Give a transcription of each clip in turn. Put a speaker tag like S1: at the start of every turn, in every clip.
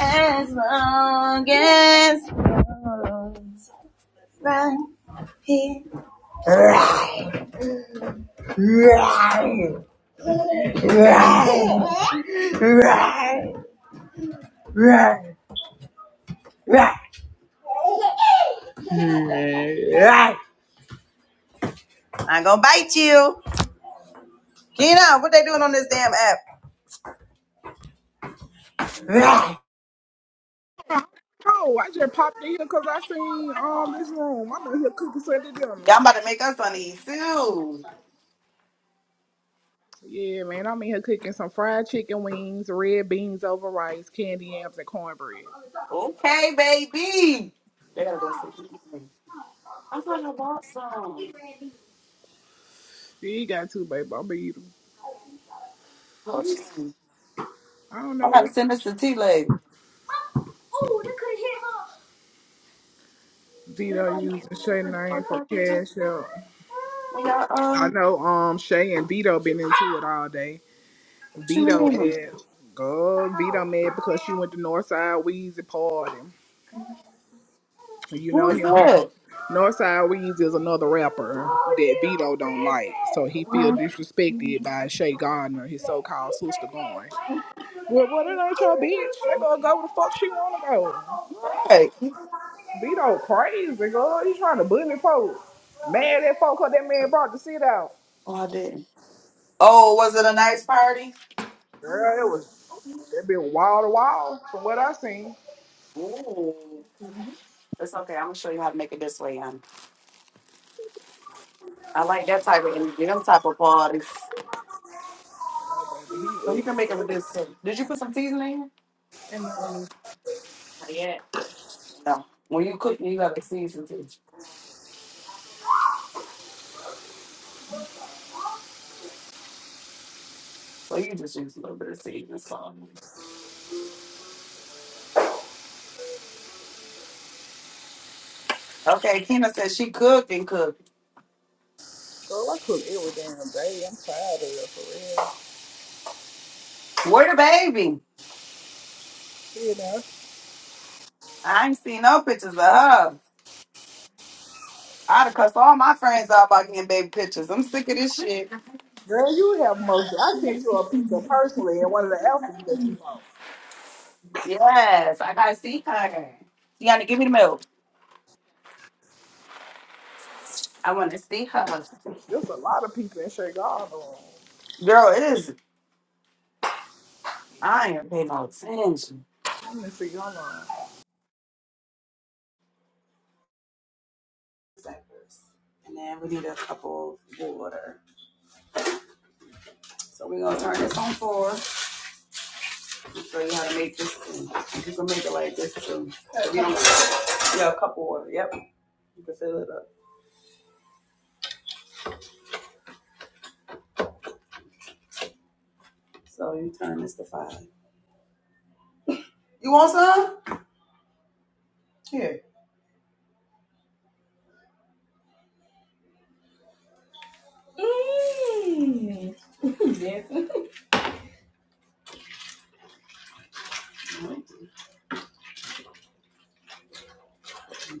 S1: As long as I I gonna bite you. Keno, what they doing on this damn app? Y'all
S2: No, I just popped in here because I seen um this room. I'm in here cooking Sunday dinner.
S1: about to make us funny soon.
S2: Yeah, man, I'm in here cooking some fried chicken wings, red beans over rice, candy yams, and cornbread.
S1: Okay, baby. They gotta go sit. I thought I bought
S2: Yeah,
S1: some.
S2: you got two, baby. I'm gonna eat 'em.
S1: Hold on.
S2: I don't
S1: I
S2: know
S1: gotta
S2: what
S1: send this to T Lady.
S2: Dito using Shay name for cash out.
S1: When y'all,
S2: I
S1: uh,
S2: know um Shay and Vito been into it all day.
S1: what you
S2: Vito
S1: mean?
S2: and go Vito mad because she went to Northside Weezy party. You know
S1: Who is
S2: him.
S1: that?
S2: Northside Weeds is another rapper that Vito don't like, so he feel
S1: Mhm.
S2: disrespected by Shay Gardner, his so-called sister going. Well, what it ain't your bitch? They gonna go where the fuck she wanna go.
S1: Right.
S2: Vito crazy, girl. He trying to bully folks. Mad at folks 'cause that man brought the shit out.
S1: Oh, I didn't. Oh, was it a nice party?
S2: Girl, it was it been wall to wall from what I seen.
S1: Ooh. It's okay. I'm gonna show you how to make it this way, hon. I like that type of energy, them type of parties. So
S2: He
S1: you can make it with
S2: up.
S1: this too. Did you put some seasoning? in? No, not yet. No. When you cook, you gotta season too. So you just use a little bit of seasoning. So. Okay, Kena said she cooked and cooked.
S2: Girl, I cook every damn day. I'm tired of it for real.
S1: Where the baby?
S2: Yeah, now
S1: I ain't seen no pictures of her. I'd have cussed all my friends out about getting baby pictures. I'm sick of this shit.
S2: Girl, you have most. I sent you a picture personally in one of the outfits that you bought.
S1: Yes, I gotta see her. You gotta give me the milk. I wanna see her.
S2: There's a lot of people in Chicago.
S1: Girl, it is. I ain't paying no attention.
S2: Let me see. Hold on.
S1: diapers. And then we need a cup of water. So we're gonna turn this on four. I'll show you how to make this too. You can make it like this too. So we don't, yeah, a cup of water. Yep. You can fill it up. So you turn this to five. You want some? Here. Mmm.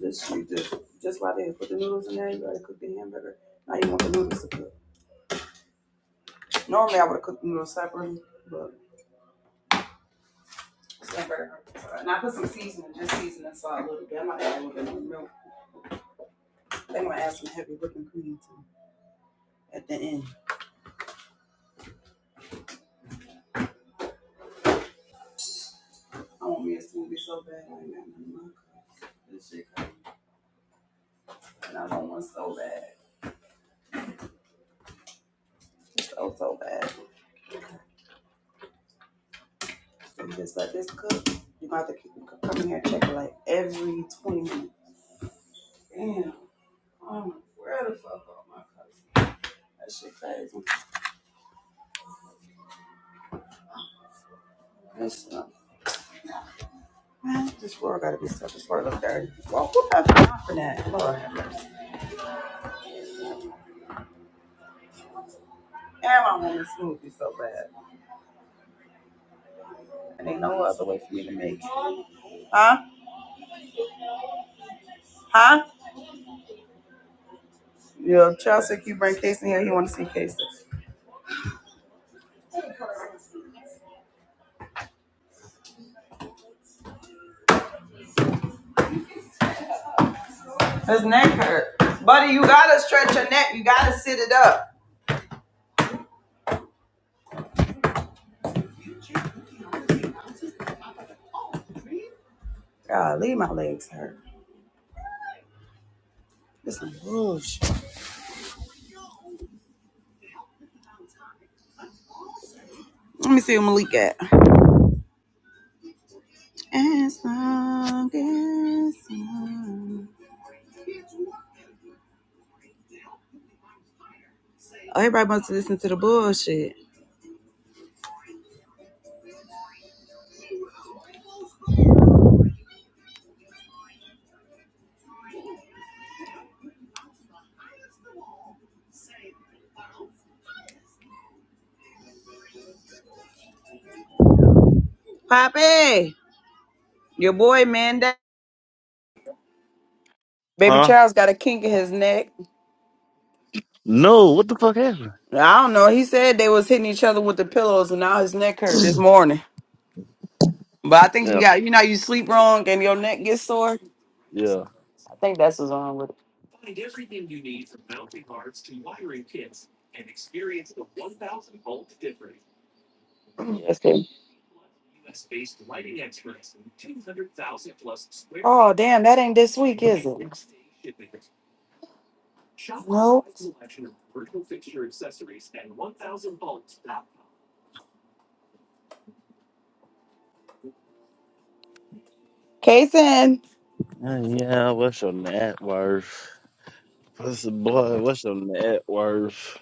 S1: This you just just right there. Put the noodles in there. You gotta cook the hamburger. Now you want the noodles to cook. Normally I would have cooked them a little separately, but it's And I put some seasoning, just seasoning salt a little bit. I'm not adding a little bit of milk. They might add some heavy whipping cream too at the end. I want me a smoothie so bad. I ain't got nothing in my cup. This shit, and I want one so bad, just so so bad. And just let this cook. You gonna have to keep coming here and check it like every 20 minutes. Damn, I'm where the fuck are my cups? That shit crazy. That's Man, this world gotta be so, this world look dirty. Well, who has time for that? Lord, damn, I want this smoothie so bad. And ain't no other way for me to make it. Huh? Huh? Yo, Chelsea, if you bring Casey here, he wanna see Casey. His neck hurt. Buddy, you gotta stretch your neck. You gotta sit it up. God, leave my legs hurt. This is bullshit. Let me see who Malik at. As long as i Oh, everybody wants to listen to the bullshit. Poppy, your boy Mandel. Baby
S3: Huh?
S1: Charles got a kink in his neck.
S3: No, what the fuck happened?
S1: I don't know. He said they was hitting each other with the pillows, and now his neck hurt this morning. But I think you
S3: Yeah,
S1: got you know you sleep wrong and your neck gets sore.
S3: yeah.
S1: I think that's what's wrong with it. That's it. Oh damn, that ain't this week, is it? No. Kason.
S3: Uh, Yeah, what's your net worth? What's the boy, what's your net worth?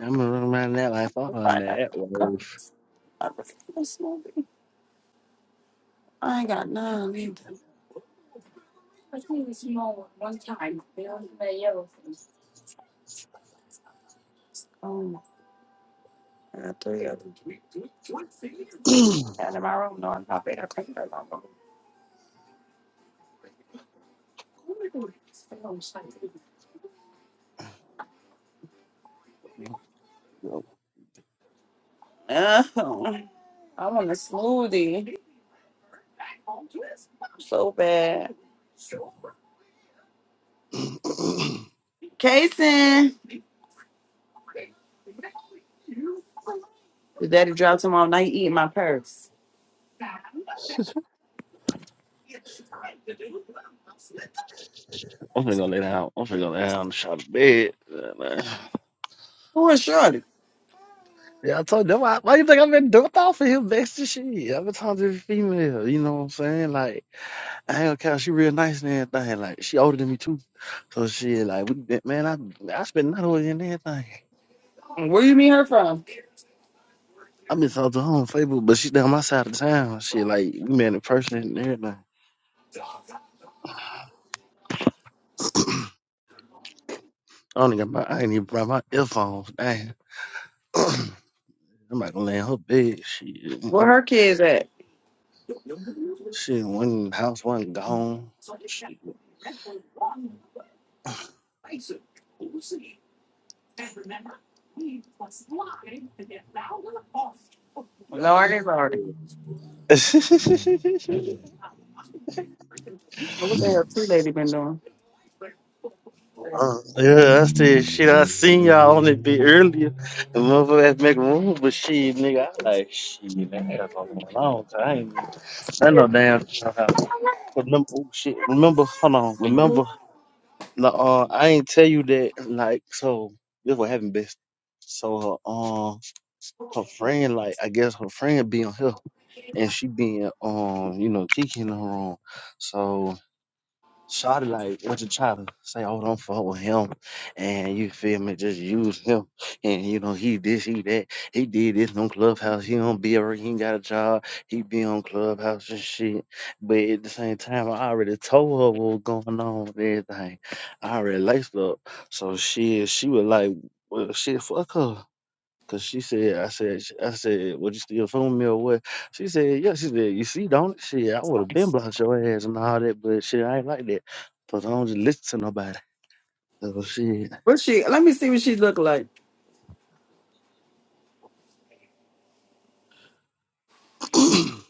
S3: I'm gonna run my net life off on net worth.
S1: I ain't got none. either. Two small One time, do Um, uh, three of them.
S3: I'm
S1: And in my room, no, I'm not bad. I can't are my room. Oh, I want a smoothie so bad. Kason, your daddy drive tomorrow night eating my purse.
S3: finna go lay down. I'm finna go lay down and shot to bed. Yeah, man.
S1: Who is Shorty?
S3: Yeah, I told them why, why you think I've been doing off for him best of shit. I've been talking to the female, you know what I'm saying? Like, I ain't gonna count, she real nice and everything. Like, she older than me too. So she like we man, I I spent night with her and everything.
S1: Where you meet her from?
S3: I miss out to her on Facebook, but she down my side of town. Shit, like we met in person and everything. I don't even got my, I ain't even brought my earphones. Damn, I'm not gonna lay in her bed.
S1: Where
S3: Shit,
S1: her kids at?
S3: shit, one in the house, one gone. Shit.
S1: Lordy, Lordy.
S3: uh,
S1: What the hell, tree lady been doing?
S3: yeah, I said shit. I seen y'all on it bit earlier. The motherfuckers make room, but shit, nigga, I like shit. That ass on going long so I ain't. I know damn. But Remember, oh shit. Remember, hold on. Remember Like, uh, I ain't tell you that. Like, so this what happened, bitch. So her, um, her friend, like, I guess her friend be on here, and she being, um, you know, Kiki in her room. So Shawty like what you try to say, oh don't fuck with him and you feel me, just use him and you know he this, he that, he did this on Clubhouse, he don't be around, he ain't got a job, he be on Clubhouse and shit. But at the same time I already told her what was going on with everything. I already laced up. So she she was like, Well shit, fuck her. Cause she said, I said, sh- I said, would you still phone me or what? She said, yeah. She said, you see, don't it? shit. I would have been blocked your ass and all that, but shit, I ain't like that. Cause I don't just listen to nobody. So shit.
S1: What's she? Let me see what she look like.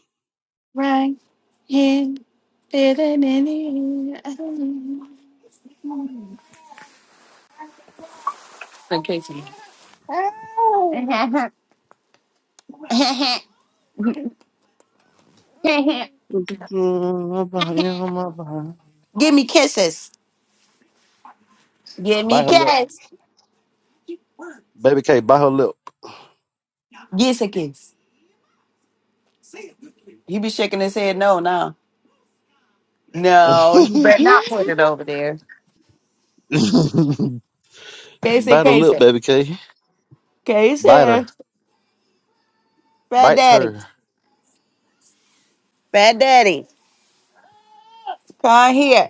S1: And Kason.
S3: Mm, my body, oh, my body.
S1: Give me kisses. Give me
S3: Bite her lip,
S1: kiss.
S3: baby K. Bite her lip.
S1: Give us a kiss. He be shaking his head no now. No, you better not put it over there. Casey,
S3: bite her lip,
S1: Casey,
S3: baby K.
S1: Casey,
S3: Bite her.
S1: Fat
S3: Bites
S1: Daddy,
S3: her.
S1: Fat Daddy, come here.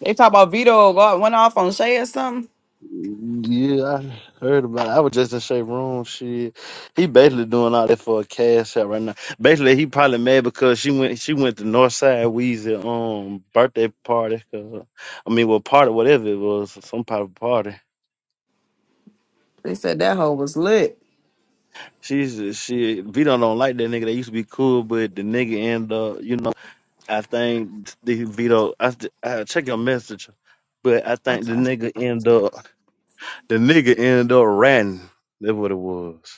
S1: They talk about Vito go- went off on Shay or something.
S3: Yeah, I heard about it. I was just in Shay Room. Shit, he basically doing all that for a cash out right now. Basically, he probably mad because she went she went to Northside Weezy um birthday party. 'cause- I mean, well, party whatever it was, some part of party.
S1: They said that hoe was lit.
S3: She's she Vito don't like that nigga. They used to be cool, but the nigga end up, you know, I think the Vito. I, I check your message, but I think the
S1: Okay.
S3: nigga end up the nigga end up ratting. That's what it was.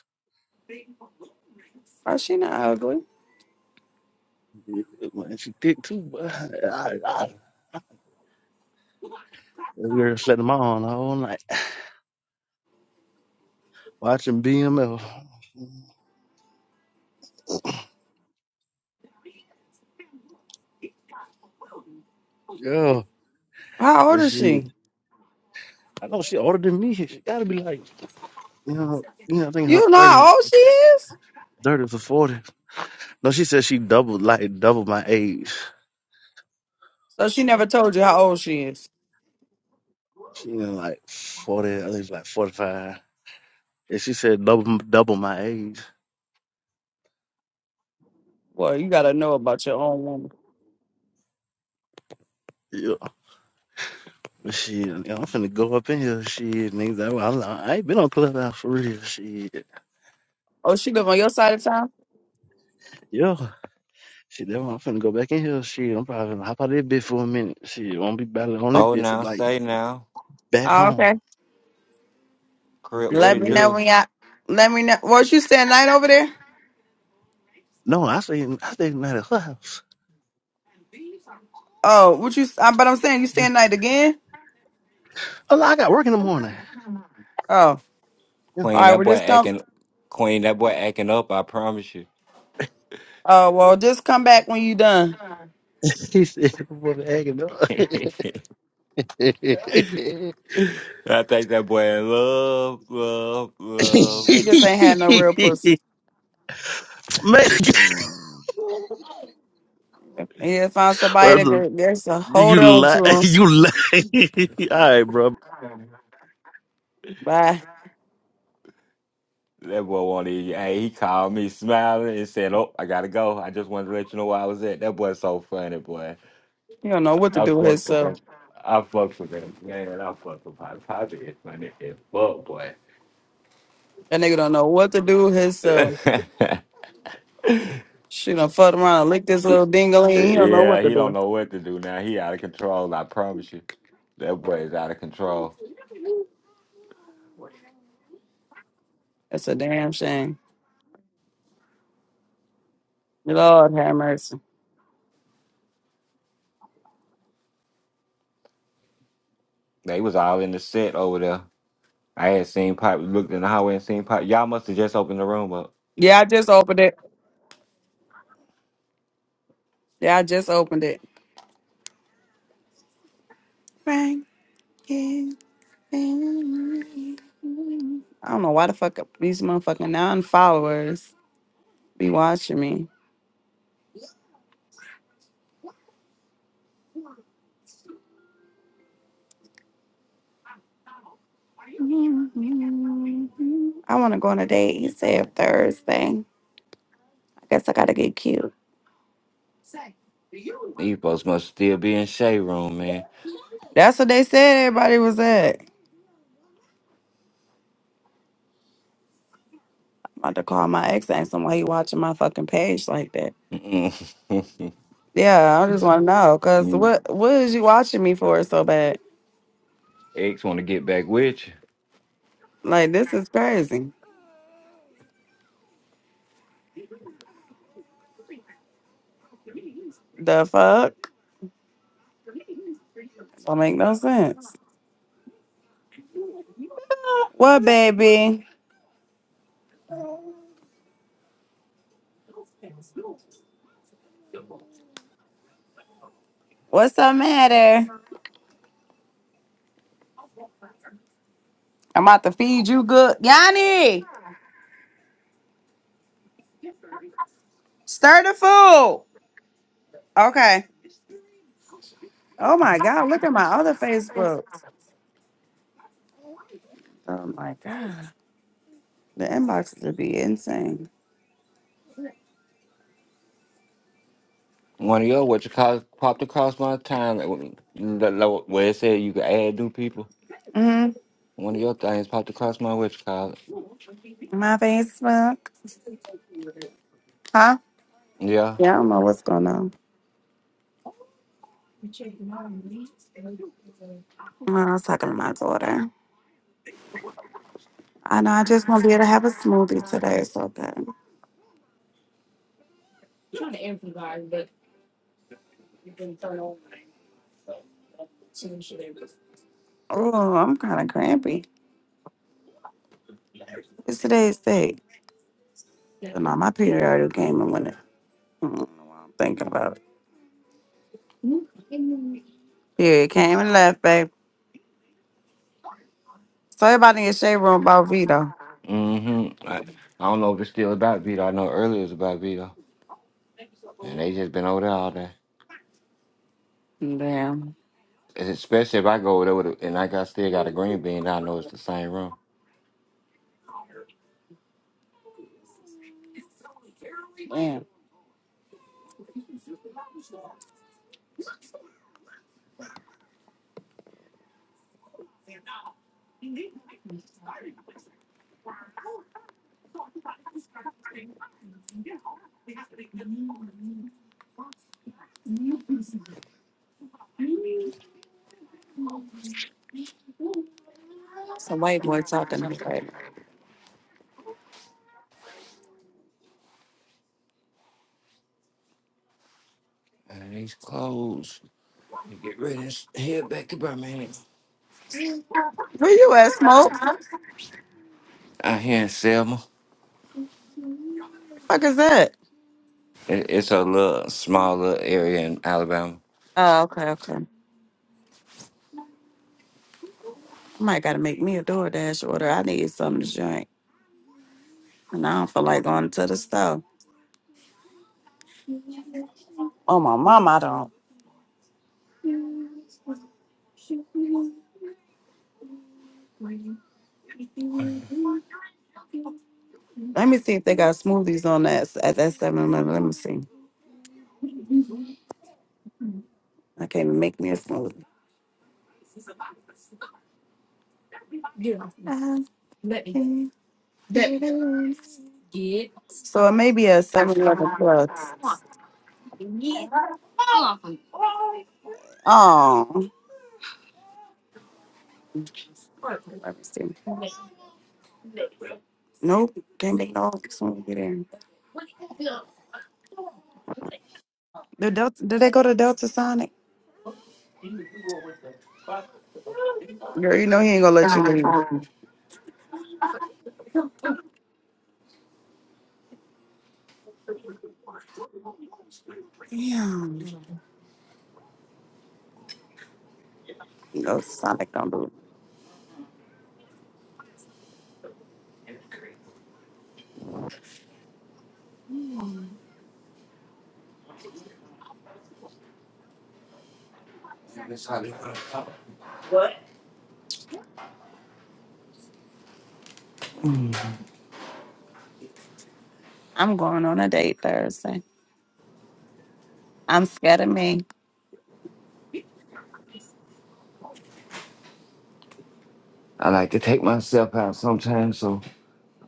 S1: Oh, she not ugly.
S3: Man, she thick too, but I, I, that girl slept in my on all night watching BML. Yeah,
S1: How old
S3: but
S1: is
S3: she,
S1: she?
S3: I know she older than me. She gotta be like, you know, you know, I think her
S1: You know
S3: thirties,
S1: how old she is?
S3: thirties or forty. No, she said she doubled, like double my age.
S1: So she never told you how old she is.
S3: She in like forty, I think it's like forty five. And she said double, double my age.
S1: Well, you gotta know about your own woman.
S3: Yeah, but she, you know, I'm finna go up in here. She, niggas, I, I ain't been on clubhouse for real. She,
S1: Oh, she live on your side of town?
S3: yeah. She, that I'm finna go back in here. She, I'm probably gonna hop out of this bitch for a minute. She, won't be battling on this
S4: Oh,
S3: bitch till
S4: now
S3: like
S4: say now,
S3: back
S1: Oh,
S3: home.
S1: okay.
S4: crip, what
S1: Let
S4: it
S1: me
S3: Yeah.
S1: know
S4: do,
S1: when y'all. Let me know. Was you staying night over there?
S3: No, I stay I stay in at her house.
S1: Oh, what you? I, but I'm saying you staying night again.
S3: Oh, no, I got work in the morning.
S1: Oh,
S3: Yeah.
S1: all
S4: Queen?
S1: right.
S4: That
S1: Well,
S4: boy
S1: just come.
S4: acting, Queen. That boy acting up. I promise you.
S1: Oh, well, just come back when you done.
S3: He said, "What acting up?"
S4: I think that boy in love, love, love.
S1: He just ain't had no real pussy.
S3: Man,
S1: He had found somebody
S3: first of-
S1: that there's a hold
S3: you
S1: on
S3: lie,
S1: to him.
S3: you lie. All right, bro.
S1: Bye.
S4: That boy wanted. Hey, he called me smiling and said, "Oh, I gotta go. I just wanted to let you know where I was at." That boy's so funny, boy.
S1: He don't know what to
S4: I
S1: do with
S4: fucks with
S1: himself.
S4: that. I fucks with that man. I fucks with Poppy. Poppy is funny as fuck, boy.
S1: That nigga don't know what to do with himself. She done fucked around and licked this little dingling. He don't know what
S4: Yeah,
S1: to
S4: he don't
S1: do.
S4: know what to do now. He out of control. I promise you, that boy is out of control.
S1: That's a damn shame. Lord have mercy.
S4: They was all in the set over there. I had seen Pop looked in the hallway and seen Pop. Y'all must have just opened the room up.
S1: Yeah, I just opened it. Yeah, I just opened it. Right. I don't know why the fuck these motherfucking non followers be watching me. I want to go on a date. He said Thursday. I guess I gotta get cute.
S4: These folks must still be in Shay room, man.
S1: That's what they said everybody was at. I'm about to call my ex and ask him why he watching my fucking page like that.
S4: Mm-mm.
S1: Yeah, I just want to know because what what is you watching me for so bad?
S4: X want to get back with you.
S1: Like this is crazy. The fuck? Don't make no sense. What baby? What's the matter? I'm about to feed you good. Yanni, stir the food. Okay. Oh my God, look at my other Facebook. Oh my God. The inboxes would be insane.
S4: One of your what you call popped across my time like, when- the- the- where it said you could add new people.
S1: hmm
S4: One of your things popped across my what you call it.
S1: My Facebook. Huh?
S4: Yeah.
S1: Yeah, I don't know what's going on. Well, I was talking to my daughter. I know I just won't be able to have a smoothie today. It's okay. Oh, I'm kind of crampy. It's today's date. So, no, my period already came and went I don't know why I'm thinking about it. Yeah, it came and left, babe. So everybody in your shade room about Vito.
S4: Mm-hmm. I, I don't know if it's still about Vito. I know earlier it was about Vito. And they just been over there all day.
S1: Damn.
S4: And Especially if I go over there with a, and like I still got a green bean, I know it's the same room.
S1: Damn. It's a white boy talking to me right now.
S4: And these clothes. Get ready and head back to Birmingham.
S1: Where you at, Smoke?
S4: Out here in Selma.
S1: fuck is that?
S4: It, it's a little small little area in Alabama.
S1: Oh, okay, okay. I might gotta make me a DoorDash order. I need something to drink. And I don't feel like going to the store. Oh my mom, I don't. Let me see if they got smoothies on that s- at that seven eleven. Let me see. I can't even make me a smoothie. Uh, That Get so it may be a 7-Eleven plus. Oh, let me see. Nope, can't make no. Someone get in. The Delta, did they go to Delta Sonic? Girl, you know he ain't gonna let you leave. Damn, no Sonic don't do. it.
S4: You know, that's how
S1: I'm going on a date Thursday. I'm scared of me.
S4: I like to take myself out sometimes so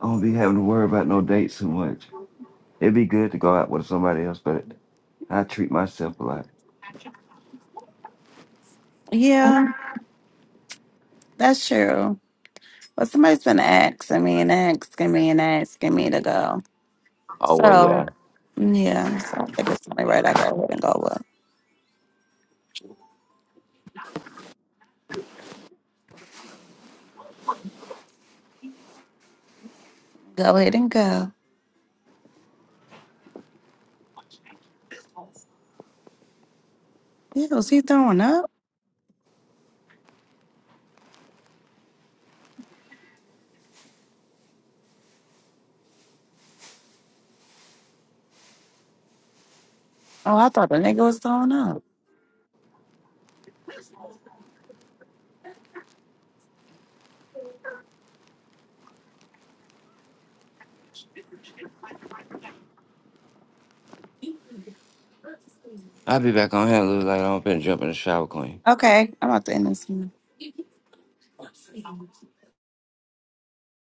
S4: I don't be having to worry about no dates too much. It'd be good to go out with somebody else, but I treat myself a lot.
S1: Yeah, that's true. But somebody's been asking me and asking me and asking me to go.
S4: Oh well
S1: So
S4: yeah.
S1: yeah, so I think it's only right I go ahead and go up. Go ahead and go. Yeah, was he throwing up? Oh, I thought the nigga was throwing up.
S4: I'll be back on here a little later. I'm finna jump in the shower clean.
S1: Okay, I'm about to end this.